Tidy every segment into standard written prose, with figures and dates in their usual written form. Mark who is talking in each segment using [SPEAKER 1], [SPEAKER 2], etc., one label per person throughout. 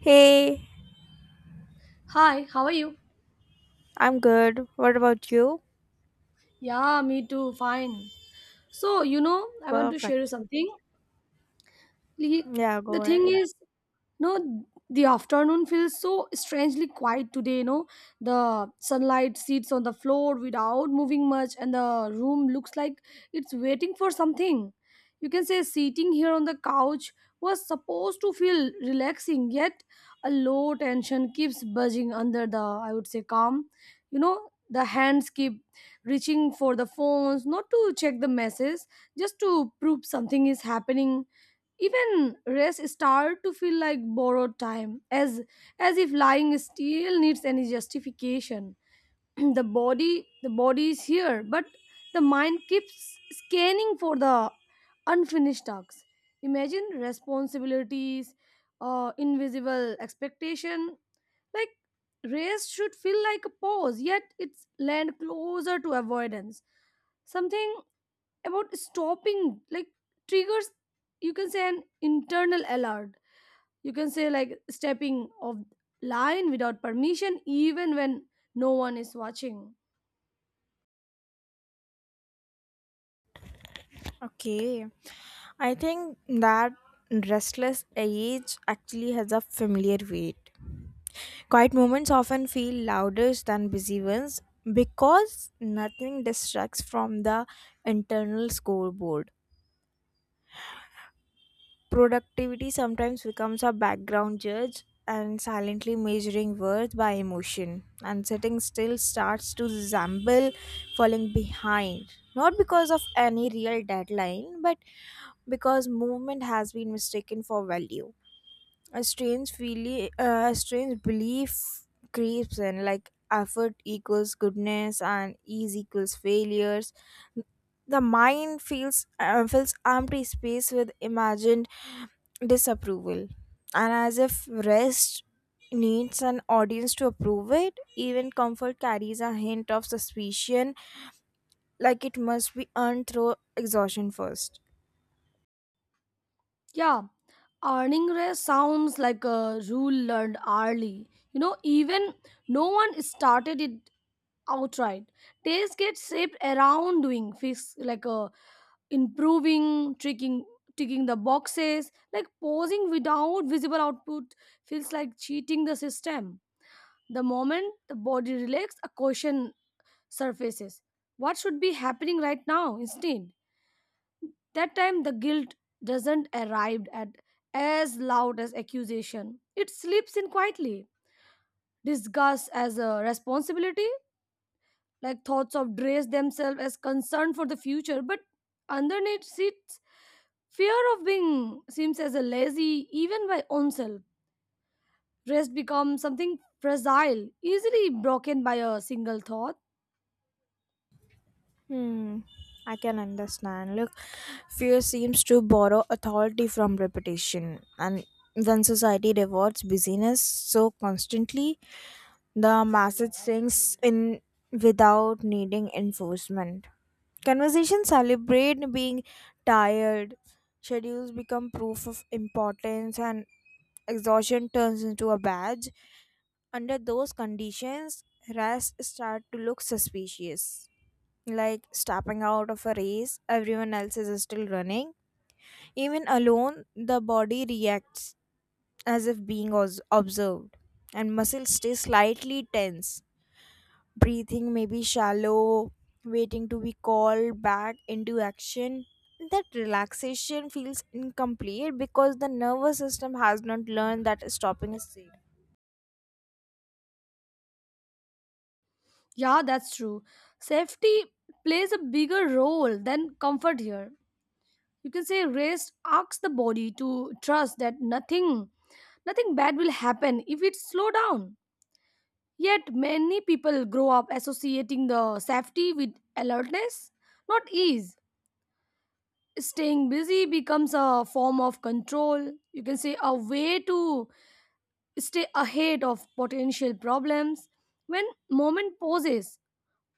[SPEAKER 1] Hey.
[SPEAKER 2] Hi, how are you?
[SPEAKER 1] I'm good. What about you?
[SPEAKER 2] Yeah, me too, fine. So, you know, I want to share you
[SPEAKER 1] Perfect.
[SPEAKER 2] something. Li-
[SPEAKER 1] Yeah,
[SPEAKER 2] the
[SPEAKER 1] go
[SPEAKER 2] thing
[SPEAKER 1] ahead.
[SPEAKER 2] is, no, the afternoon feels so strangely quiet today, you know. The sunlight sits on the floor without moving much, and the room looks like it's waiting for something. You can say sitting here on the couch was supposed to feel relaxing, yet a low tension keeps buzzing under the, I would say, calm. You know the hands keep reaching for the phones, not to check the messages, just to prove something is happening. Even rest start to feel like borrowed time, as if lying still needs any justification. The body is here, but the mind keeps scanning for the unfinished tasks, imagine responsibilities, invisible expectation, like rest should feel like a pause, yet it's land closer to avoidance. Something about stopping like triggers, you can say, an internal alert. You can say like stepping of line without permission, even when no one is watching.
[SPEAKER 1] Okay. I think that restless age actually has a familiar weight. Quiet moments often feel louder than busy ones because nothing distracts from the internal scoreboard. Productivity sometimes becomes a background judge and silently measuring worth by emotion, and sitting still starts to resemble falling behind. Not because of any real deadline, but because movement has been mistaken for value. A strange belief creeps in, like effort equals goodness and ease equals failures. The mind feels fills empty space with imagined disapproval, and as if rest needs an audience to approve it. Even comfort carries a hint of suspicion, like it must be earned through exhaustion first.
[SPEAKER 2] Yeah, earning rest sounds like a rule learned early, you know, even no one started it outright. Days get shaped around doing fix, like improving, tricking, ticking the boxes, like posing without visible output feels like cheating the system. The moment the body relaxes, a question surfaces. What should be happening right now instead? That time the guilt doesn't arrive at as loud as accusation. It slips in quietly. Disgust as a responsibility, like thoughts of dress themselves as concern for the future, but underneath sits fear of being seems as a lazy even by oneself. Rest becomes something fragile, easily broken by a single thought.
[SPEAKER 1] Hmm, I can understand. Look, fear seems to borrow authority from reputation, and when society rewards busyness so constantly, the message sinks in without needing enforcement. Conversations celebrate being tired, schedules become proof of importance, and exhaustion turns into a badge. Under those conditions, rest start to look suspicious, like stepping out of a race everyone else is still running. Even alone, the body reacts as if being observed, and muscles stay slightly tense. Breathing may be shallow, waiting to be called back into action. That relaxation feels incomplete because the nervous system has not learned that stopping is safe.
[SPEAKER 2] Yeah, that's true. Safety plays a bigger role than comfort here. You can say rest asks the body to trust that nothing bad will happen if it slow down. Yet many people grow up associating the safety with alertness, not ease. Staying busy becomes a form of control. You can say a way to stay ahead of potential problems. When moment pauses,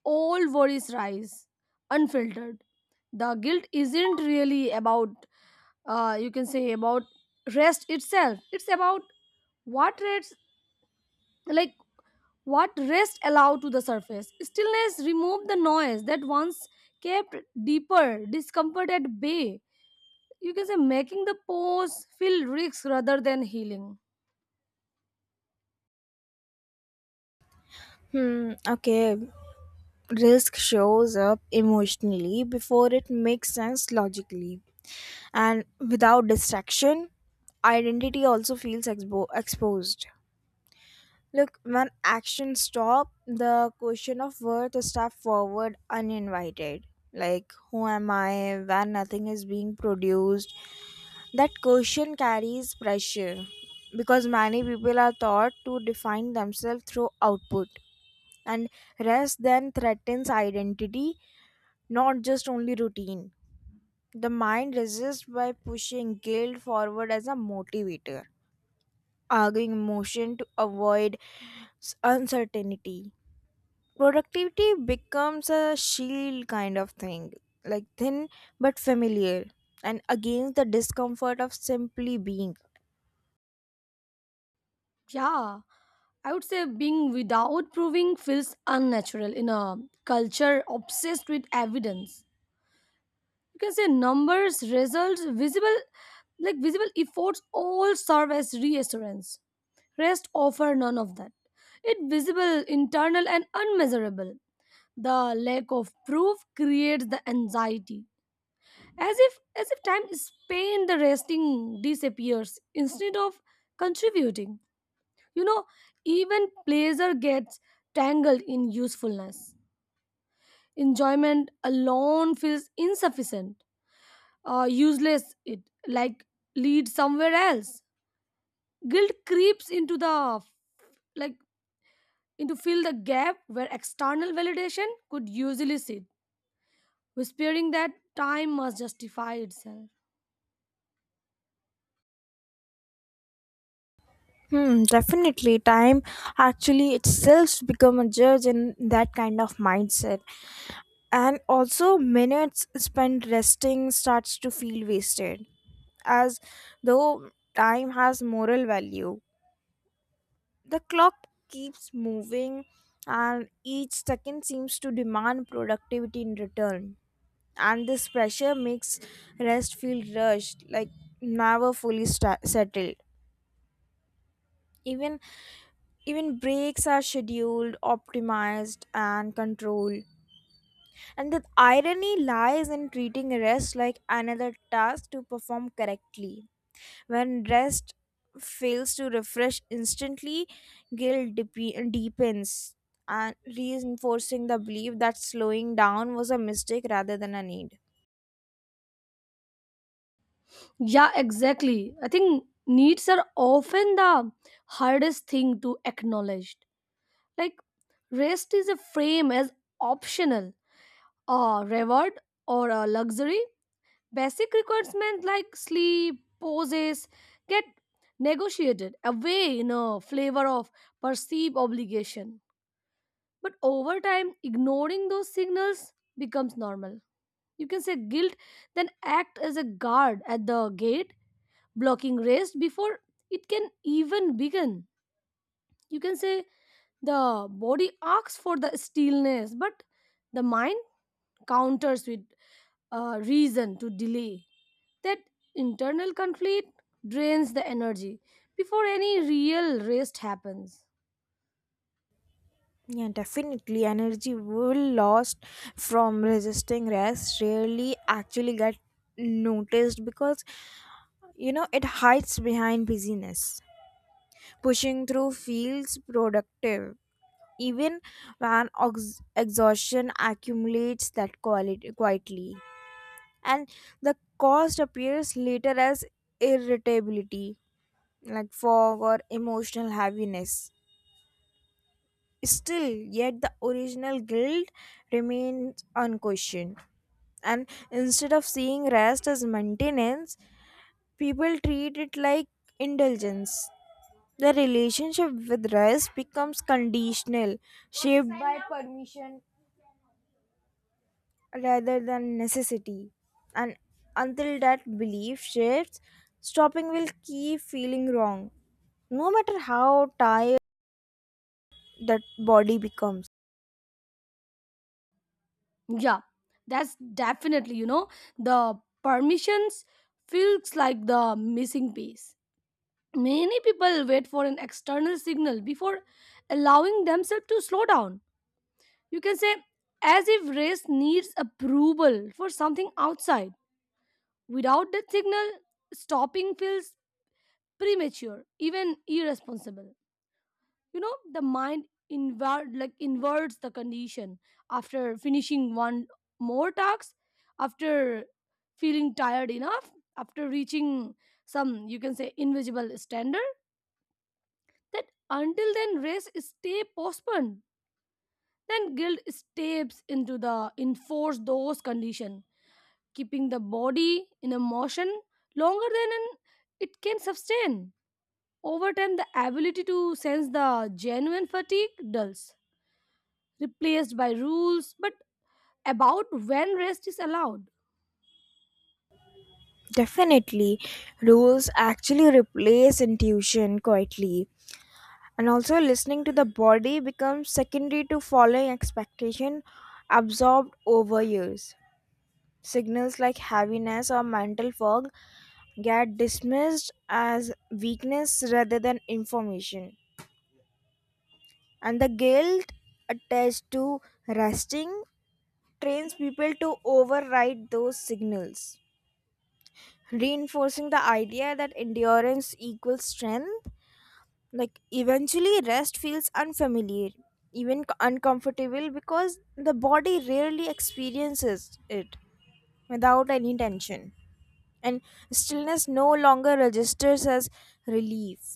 [SPEAKER 2] all worries rise unfiltered. The guilt isn't really about, you can say, about rest itself. It's about what rest, like what rest allow to the surface. Stillness removed the noise that once kept deeper discomfort at bay. You can say making the pause feel risks rather than healing.
[SPEAKER 1] Hmm, okay. Risk shows up emotionally before it makes sense logically, and without distraction, identity also feels exposed. Look, when actions stop, the question of worth is stepped forward uninvited, like who am I when nothing is being produced. That question carries pressure because many people are taught to define themselves through output, and rest then threatens identity, not just only routine. The mind resists by pushing guilt forward as a motivator, arguing emotion to avoid uncertainty. Productivity becomes a shield kind of thing, like thin but familiar, and against the discomfort of simply being.
[SPEAKER 2] Yeah, I would say being without proving feels unnatural in a culture obsessed with evidence. You can say numbers, results, visible, like visible efforts all serve as reassurance. Rest offer none of that. It visible, internal and unmeasurable. The lack of proof creates the anxiety, as if time spent the resting disappears instead of contributing, you know. Even pleasure gets tangled in usefulness. Enjoyment alone feels insufficient, useless, it like lead somewhere else. Guilt creeps into the, like, into fill the gap where external validation could usually sit, whispering that time must justify itself.
[SPEAKER 1] Hmm, definitely. Time actually itself become a judge in that kind of mindset. And also, minutes spent resting starts to feel wasted, as though time has moral value. The clock keeps moving, and each second seems to demand productivity in return. And this pressure makes rest feel rushed, like never fully sta settled. Even even breaks are scheduled, optimized, and controlled. And the irony lies in treating rest like another task to perform correctly. When rest fails to refresh instantly, guilt deepens, and reinforcing the belief that slowing down was a mistake rather than a need.
[SPEAKER 2] Yeah, exactly. I think needs are often the hardest thing to acknowledge. Like rest is a frame as optional, a reward, or a luxury. Basic requirements like sleep, poses get negotiated away in a flavor of perceived obligation. But over time, ignoring those signals becomes normal. You can say guilt then act as a guard at the gate, blocking rest before it can even begin. You can say the body asks for the stillness, but the mind counters with reason to delay. That internal conflict drains the energy before any real rest happens.
[SPEAKER 1] Yeah, definitely. Energy will lost from resisting rest rarely actually get noticed because it hides behind busyness. Pushing through feels productive, even when exhaustion accumulates that quality quietly, and the cost appears later as irritability, like fog or emotional heaviness. Still, yet the original guilt remains unquestioned, and instead of seeing rest as maintenance, people treat it like indulgence. The relationship with rest becomes conditional, shaped by permission rather than necessity. And until that belief shifts, stopping will keep feeling wrong, no matter how tired that body becomes.
[SPEAKER 2] Yeah, that's definitely, you know, the permissions feels like the missing piece. Many people wait for an external signal before allowing themselves to slow down. You can say, as if rest needs approval for something outside. Without that signal, stopping feels premature, even irresponsible. You know the mind invert, like inverts the condition after finishing one more task, after feeling tired enough, after reaching some, you can say, invisible standard. That until then rest stay postponed. Then guilt steps into the enforce those condition, keeping the body in a motion longer than an, it can sustain. Over time the ability to sense the genuine fatigue dulls, replaced by rules but about when rest is allowed.
[SPEAKER 1] Definitely, rules actually replace intuition quietly. And also, listening to the body becomes secondary to following expectation absorbed over years. Signals like heaviness or mental fog get dismissed as weakness rather than information. And the guilt attached to resting trains people to override those signals, reinforcing the idea that endurance equals strength. Like, eventually, rest feels unfamiliar, even uncomfortable, because the body rarely experiences it without any tension. And stillness no longer registers as relief.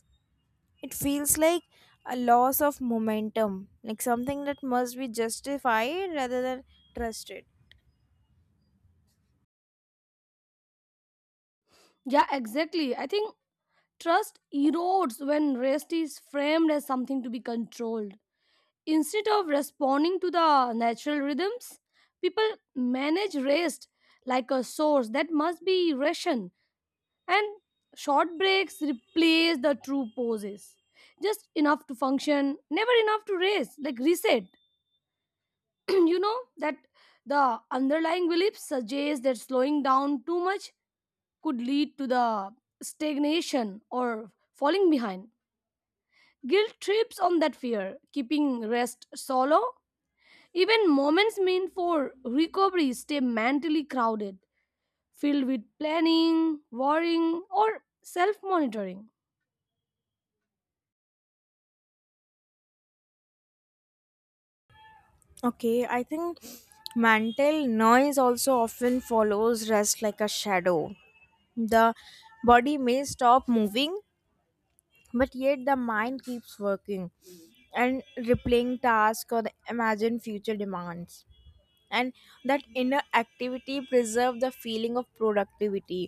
[SPEAKER 1] It feels like a loss of momentum, like something that must be justified rather than trusted.
[SPEAKER 2] Yeah, exactly. I think trust erodes when rest is framed as something to be controlled instead of responding to the natural rhythms. People manage rest like a source that must be rationed, and short breaks replace the true pauses, just enough to function, never enough to rest like reset. You know that the underlying belief suggests that slowing down too much could lead to the stagnation or falling behind. Guilt trips on that fear, keeping rest solo. Even moments meant for recovery stay mentally crowded, filled with planning, worrying, or self monitoring.
[SPEAKER 1] Okay, I think mental noise also often follows rest like a shadow. The body may stop moving, but yet the mind keeps working and replaying tasks or the imagined future demands. And that inner activity preserve the feeling of productivity.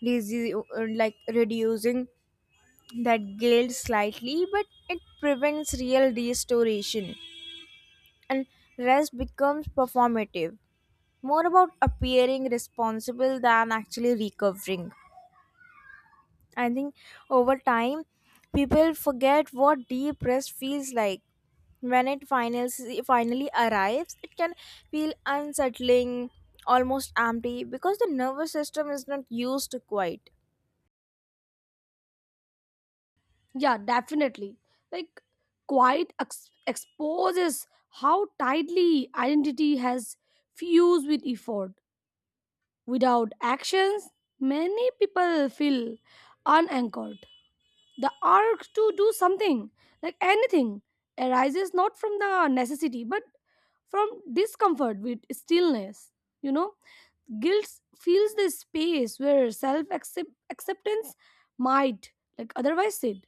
[SPEAKER 1] Like reducing that guilt slightly, but it prevents real restoration. And rest becomes performative, more about appearing responsible than actually recovering. I think over time people forget what deep rest feels like. When it finally arrives, it can feel unsettling, almost empty, because the nervous system is not used to quiet.
[SPEAKER 2] Yeah, definitely. Like quiet exposes how tightly identity has fused with effort. Without actions, many people feel unanchored. The urge to do something, like anything, arises not from the necessity but from discomfort with stillness. You know, guilt fills the space where self acceptance might, like, otherwise sit.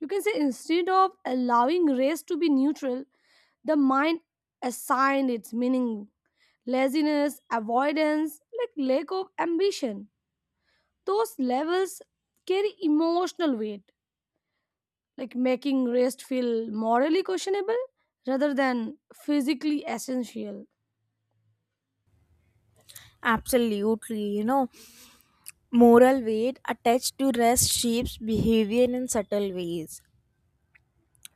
[SPEAKER 2] You can say instead of allowing race to be neutral, the mind assigned its meaning: laziness, avoidance, like lack of ambition. Those levels carry emotional weight, like making rest feel morally questionable rather than physically essential.
[SPEAKER 1] Absolutely, moral weight attached to rest shapes behavior in subtle ways.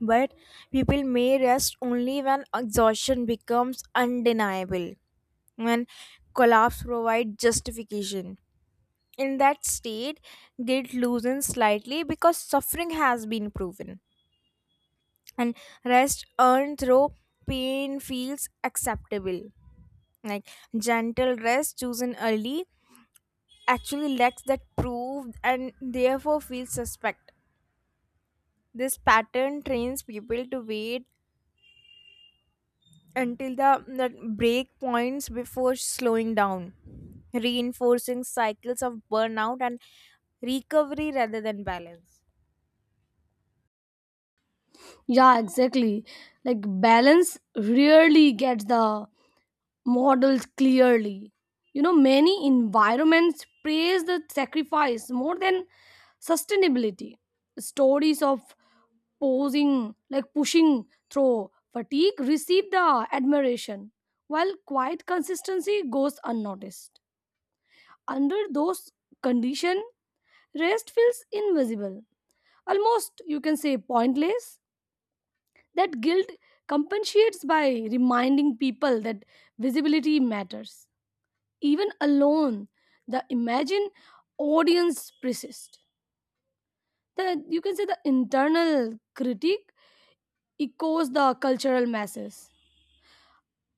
[SPEAKER 1] But people may rest only when exhaustion becomes undeniable, when collapse provides justification. In that state, guilt loosens slightly because suffering has been proven, and rest earned through pain feels acceptable. Like, gentle rest chosen early actually lacks that proof and therefore feels suspect. This pattern trains people to wait until the break points before slowing down, reinforcing cycles of burnout and recovery rather than balance.
[SPEAKER 2] Yeah, exactly. Like balance rarely gets the models clearly. You know, many environments praise the sacrifice more than sustainability. Stories of posing, like pushing through fatigue, receive the admiration, while quiet consistency goes unnoticed. Under those conditions, rest feels invisible, almost, you can say, pointless. That guilt compensates by reminding people that visibility matters. Even alone the imagined audience persists. The, you can say, the internal critique echoes the cultural masses,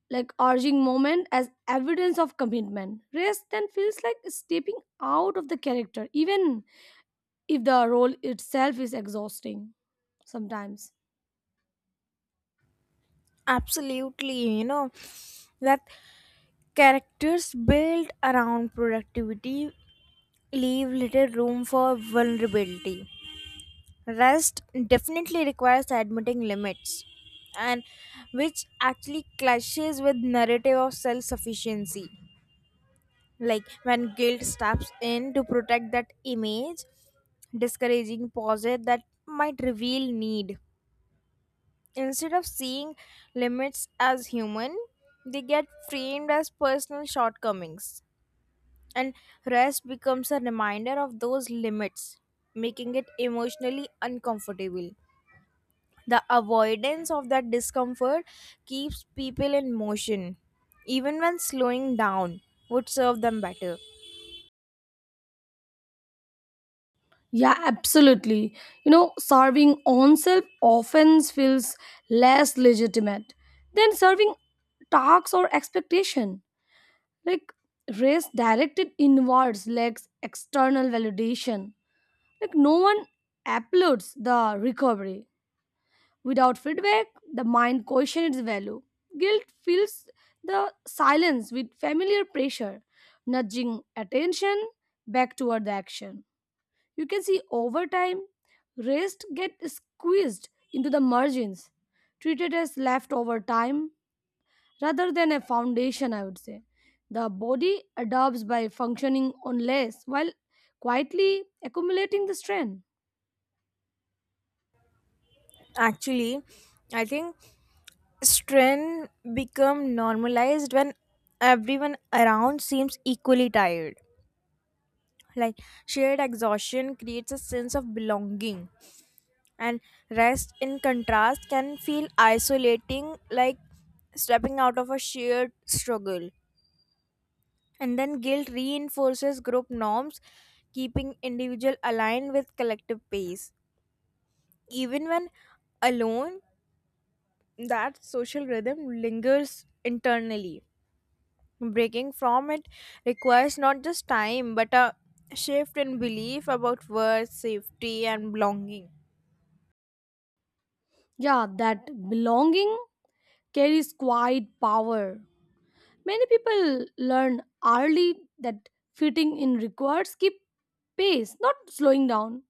[SPEAKER 2] like urging moment as evidence of commitment. Rest then feels like stepping out of the character, even if the role itself is exhausting sometimes.
[SPEAKER 1] Absolutely, that characters built around productivity leave little room for vulnerability. Rest definitely requires admitting limits, and which actually clashes with narrative of self-sufficiency. Like, when guilt steps in to protect that image, discouraging pauses that might reveal need. Instead of seeing limits as human, they get framed as personal shortcomings, and rest becomes a reminder of those limits, making it emotionally uncomfortable. The avoidance of that discomfort keeps people in motion, even when slowing down would serve them better.
[SPEAKER 2] Yeah, absolutely. You know, serving oneself often feels less legitimate than serving tasks or expectation. Like race directed inwards lacks external validation. Like no one applauds the recovery. Without feedback, the mind questions its value. Guilt fills the silence with familiar pressure, nudging attention back toward the action. You can see over time, rest get squeezed into the margins, treated as leftover time rather than a foundation, I would say. The body adapts by functioning on less while quietly accumulating the strength.
[SPEAKER 1] Actually, I think strength become normalized when everyone around seems equally tired. Like, shared exhaustion creates a sense of belonging, and rest in contrast can feel isolating, like stepping out of a shared struggle. And then guilt reinforces group norms, keeping individual aligned with collective pace. Even when alone, that social rhythm lingers internally. Breaking from it requires not just time but a shift in belief about worth, safety, and belonging.
[SPEAKER 2] Yeah, that belonging carries quiet power. Many people learn early that fitting in requires keep pace, not slowing down.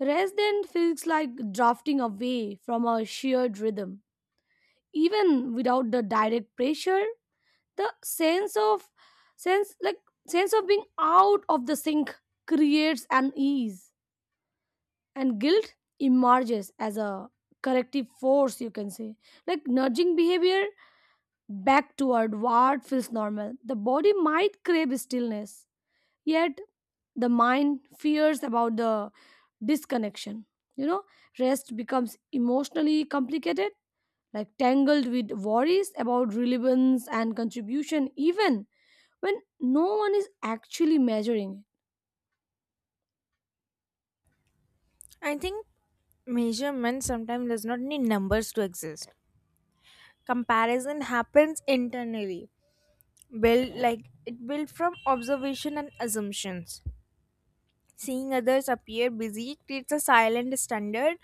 [SPEAKER 2] Rest then feels like drafting away from a shared rhythm. Even without the direct pressure, the sense like sense of being out of the sync creates an ease. And guilt emerges as a corrective force, you can say. Like nudging behavior back toward what feels normal. The body might crave stillness, yet the mind fears about the disconnection. You know, rest becomes emotionally complicated, like tangled with worries about relevance and contribution, even when no one is actually measuring it.
[SPEAKER 1] I think measurement sometimes does not need numbers to exist. Comparison happens internally, built like it built from observation and assumptions. Seeing others appear busy creates a silent standard,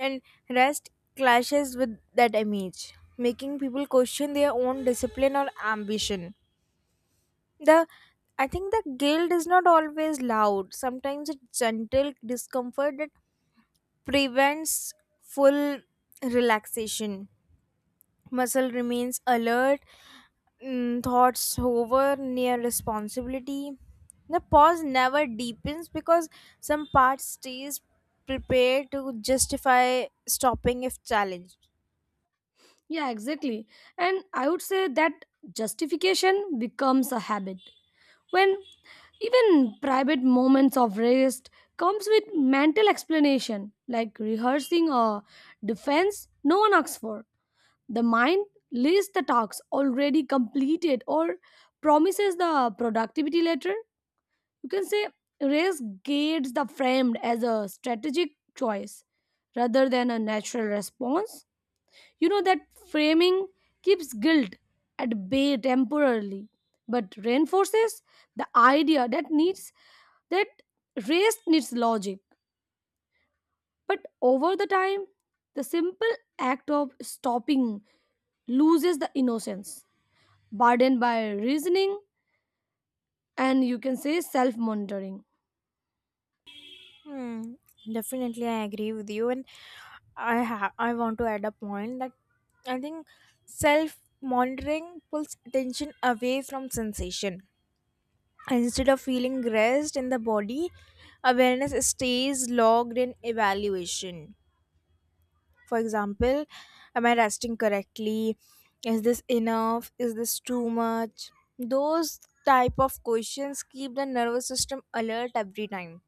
[SPEAKER 1] and rest clashes with that image, making people question their own discipline or ambition. The, I think, the guilt is not always loud. Sometimes it's gentle discomfort that prevents full relaxation. Muscle remains alert. Thoughts hover near responsibility. The pause never deepens because some part stays prepared to justify stopping if challenged.
[SPEAKER 2] Yeah, exactly. And I would say that justification becomes a habit. When even private moments of rest comes with mental explanation, like rehearsing a defense no one asks for. The mind lists the tasks already completed or promises the productivity later. You can say rest gates the framed as a strategic choice rather than a natural response. You know that framing keeps guilt at bay temporarily, but reinforces the idea that needs that race needs logic. But over the time, the simple act of stopping loses the innocence, burdened by reasoning and, you can say, self-monitoring.
[SPEAKER 1] Hmm, definitely, I agree with you, and I want to add a point that I think self monitoring pulls attention away from sensation. Instead of feeling rest in the body, awareness stays logged in evaluation. For example, am I resting correctly? Is this enough? Is this too much? Those type of questions keep the nervous system alert every time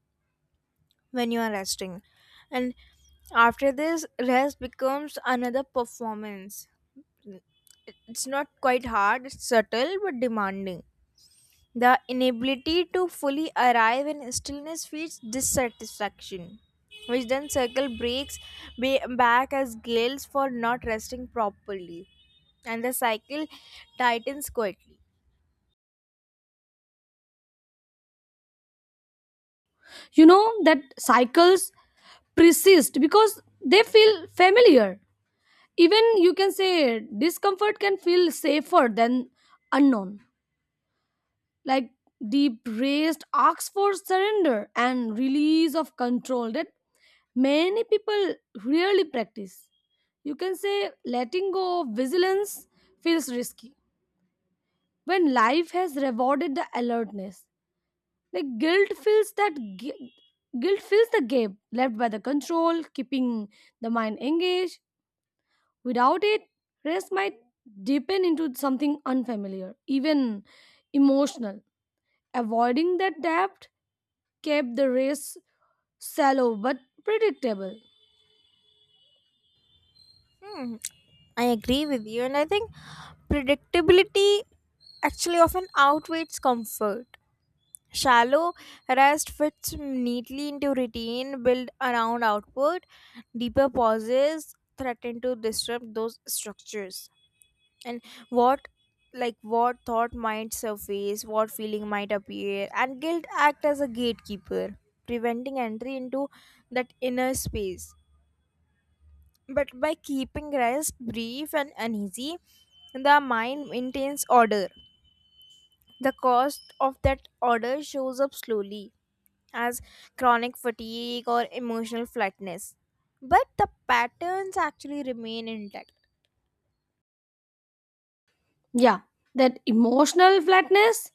[SPEAKER 1] when you are resting. And after this, rest becomes another performance. It's not quite hard, it's subtle but demanding. The inability to fully arrive in stillness feeds dissatisfaction, which then circle breaks back as guilt for not resting properly, and the cycle tightens quietly.
[SPEAKER 2] You know that cycles persist because they feel familiar. Even you can say discomfort can feel safer than unknown. Like the raised asks for surrender and release of control that many people rarely practice. You can say letting go of vigilance feels risky when life has rewarded the alertness. Like guilt fills the gap left by the control, keeping the mind engaged. Without it, rest might deepen into something unfamiliar, even emotional. Avoiding that depth kept the race shallow but predictable.
[SPEAKER 1] Hmm, I agree with you, and I think predictability actually often outweighs comfort. Shallow rest fits neatly into routine built around output. Deeper pauses threaten to disrupt those structures. And what, like, what thought might surface, what feeling might appear, and guilt act as a gatekeeper preventing entry into that inner space. But by keeping rest brief and uneasy, the mind maintains order. The cost of that order shows up slowly as chronic fatigue or emotional flatness, but the patterns actually remain intact.
[SPEAKER 2] Yeah, that emotional flatness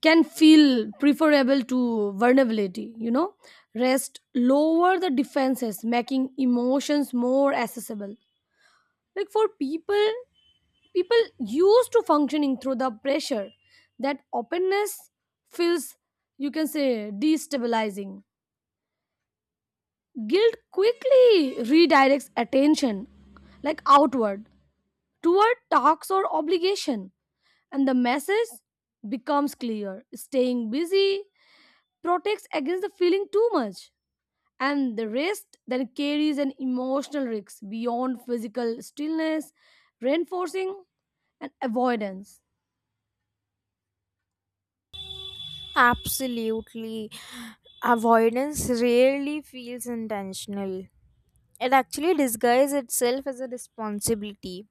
[SPEAKER 2] can feel preferable to vulnerability, you know. Rest lower the defenses, making emotions more accessible. Like for people, people used to functioning through the pressure, that openness feels, you can say, destabilizing. Guilt quickly redirects attention, like outward toward tasks or obligation, and the message becomes clear: staying busy protects against the feeling too much, and the rest then carries an emotional risk beyond physical stillness, reinforcing and avoidance.
[SPEAKER 1] Absolutely. Avoidance rarely feels intentional. It actually disguises itself as a responsibility.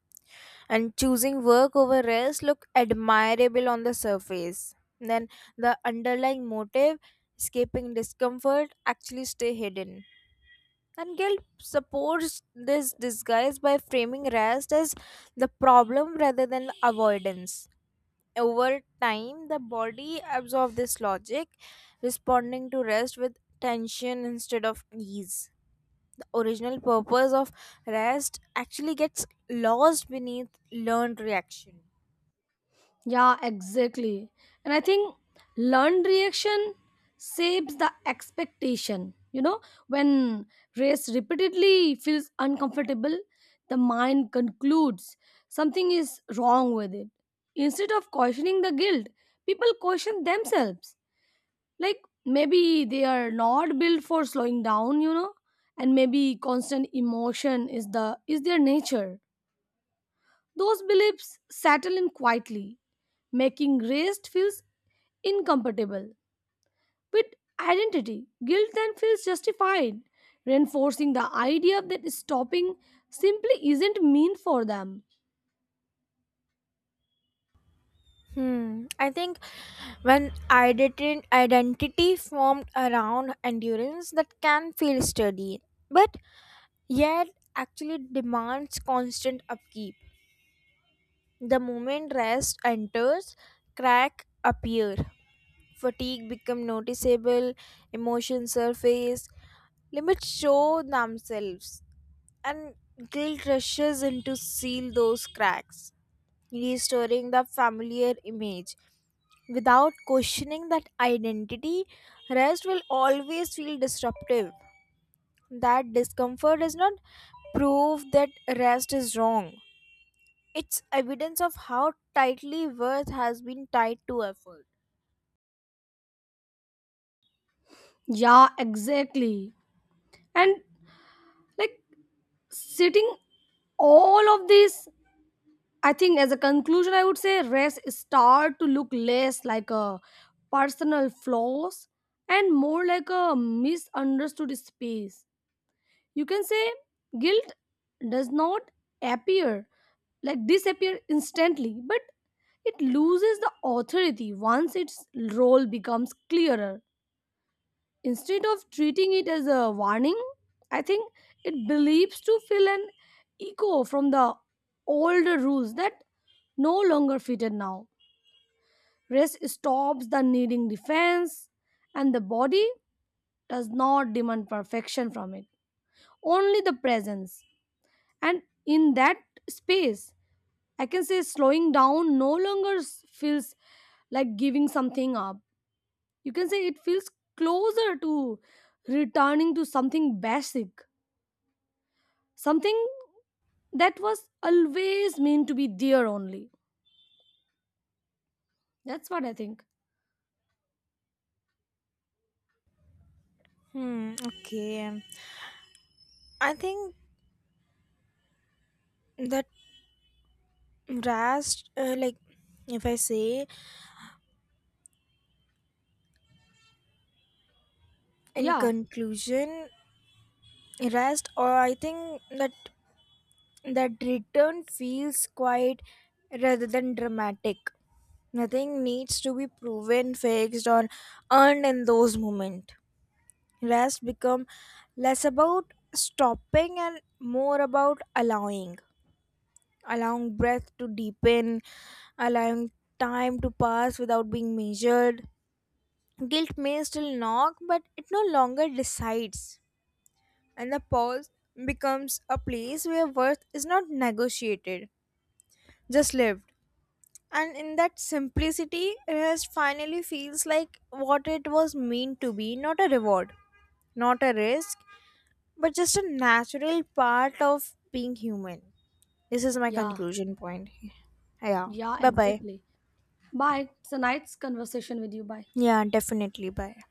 [SPEAKER 1] And choosing work over rest look admirable on the surface. Then the underlying motive, escaping discomfort, actually stay hidden. And guilt supports this disguise by framing rest as the problem rather than the avoidance. Over time, the body absorbs this logic, responding to rest with tension instead of ease. The original purpose of rest actually gets lost beneath learned reaction.
[SPEAKER 2] Yeah, exactly. And I think learned reaction shapes the expectation. You know, when race repeatedly feels uncomfortable, the mind concludes something is wrong with it. Instead of questioning the guilt, people question themselves. Like maybe they are not built for slowing down, you know, and maybe constant emotion is their nature. Those beliefs settle in quietly, making rest feels incompatible with identity. Guilt then feels justified, reinforcing the idea that stopping simply isn't mean for them.
[SPEAKER 1] Hmm. I think when identity formed around endurance, that can feel sturdy, but yet actually demands constant upkeep. The moment rest enters, crack appear, fatigue become noticeable, emotions surface, limits show themselves, and guilt rushes in to seal those cracks, restoring the familiar image. Without questioning that identity, rest will always feel disruptive. That discomfort does not prove that rest is wrong. It's evidence of how tightly worth has been tied to effort.
[SPEAKER 2] Yeah, exactly. And like sitting all of this, I think as a conclusion, I would say rest start to look less like a personal flaws and more like a misunderstood space. You can say guilt does not appear like disappear instantly, but it loses the authority once its role becomes clearer. Instead of treating it as a warning, I think it believes to fill an echo from the older rules that no longer fitted now. Rest stops the needing defense, and the body does not demand perfection from it, only the presence. And in that space, I can say slowing down no longer feels like giving something up. You can say it feels closer to returning to something basic, something that was always meant to be there, only that's what I think.
[SPEAKER 1] Hmm, okay. I think the rest like, if I say, in
[SPEAKER 2] Yeah.
[SPEAKER 1] conclusion, rest, or I think that that return feels quite rather than dramatic. Nothing needs to be proven, fixed, or earned in those moments. Rest become less about stopping and more about allowing, allowing breath to deepen, allowing time to pass without being measured. Guilt may still knock, but it no longer decides. And the pause becomes a place where worth is not negotiated, just lived. And in that simplicity, rest finally feels like what it was meant to be, not a reward, not a risk, but just a natural part of being human. This is my
[SPEAKER 2] Yeah.
[SPEAKER 1] conclusion point. Yeah.
[SPEAKER 2] Yeah,
[SPEAKER 1] Bye bye.
[SPEAKER 2] exactly. Bye. It's a nice conversation with you. Bye.
[SPEAKER 1] Yeah, definitely. Bye.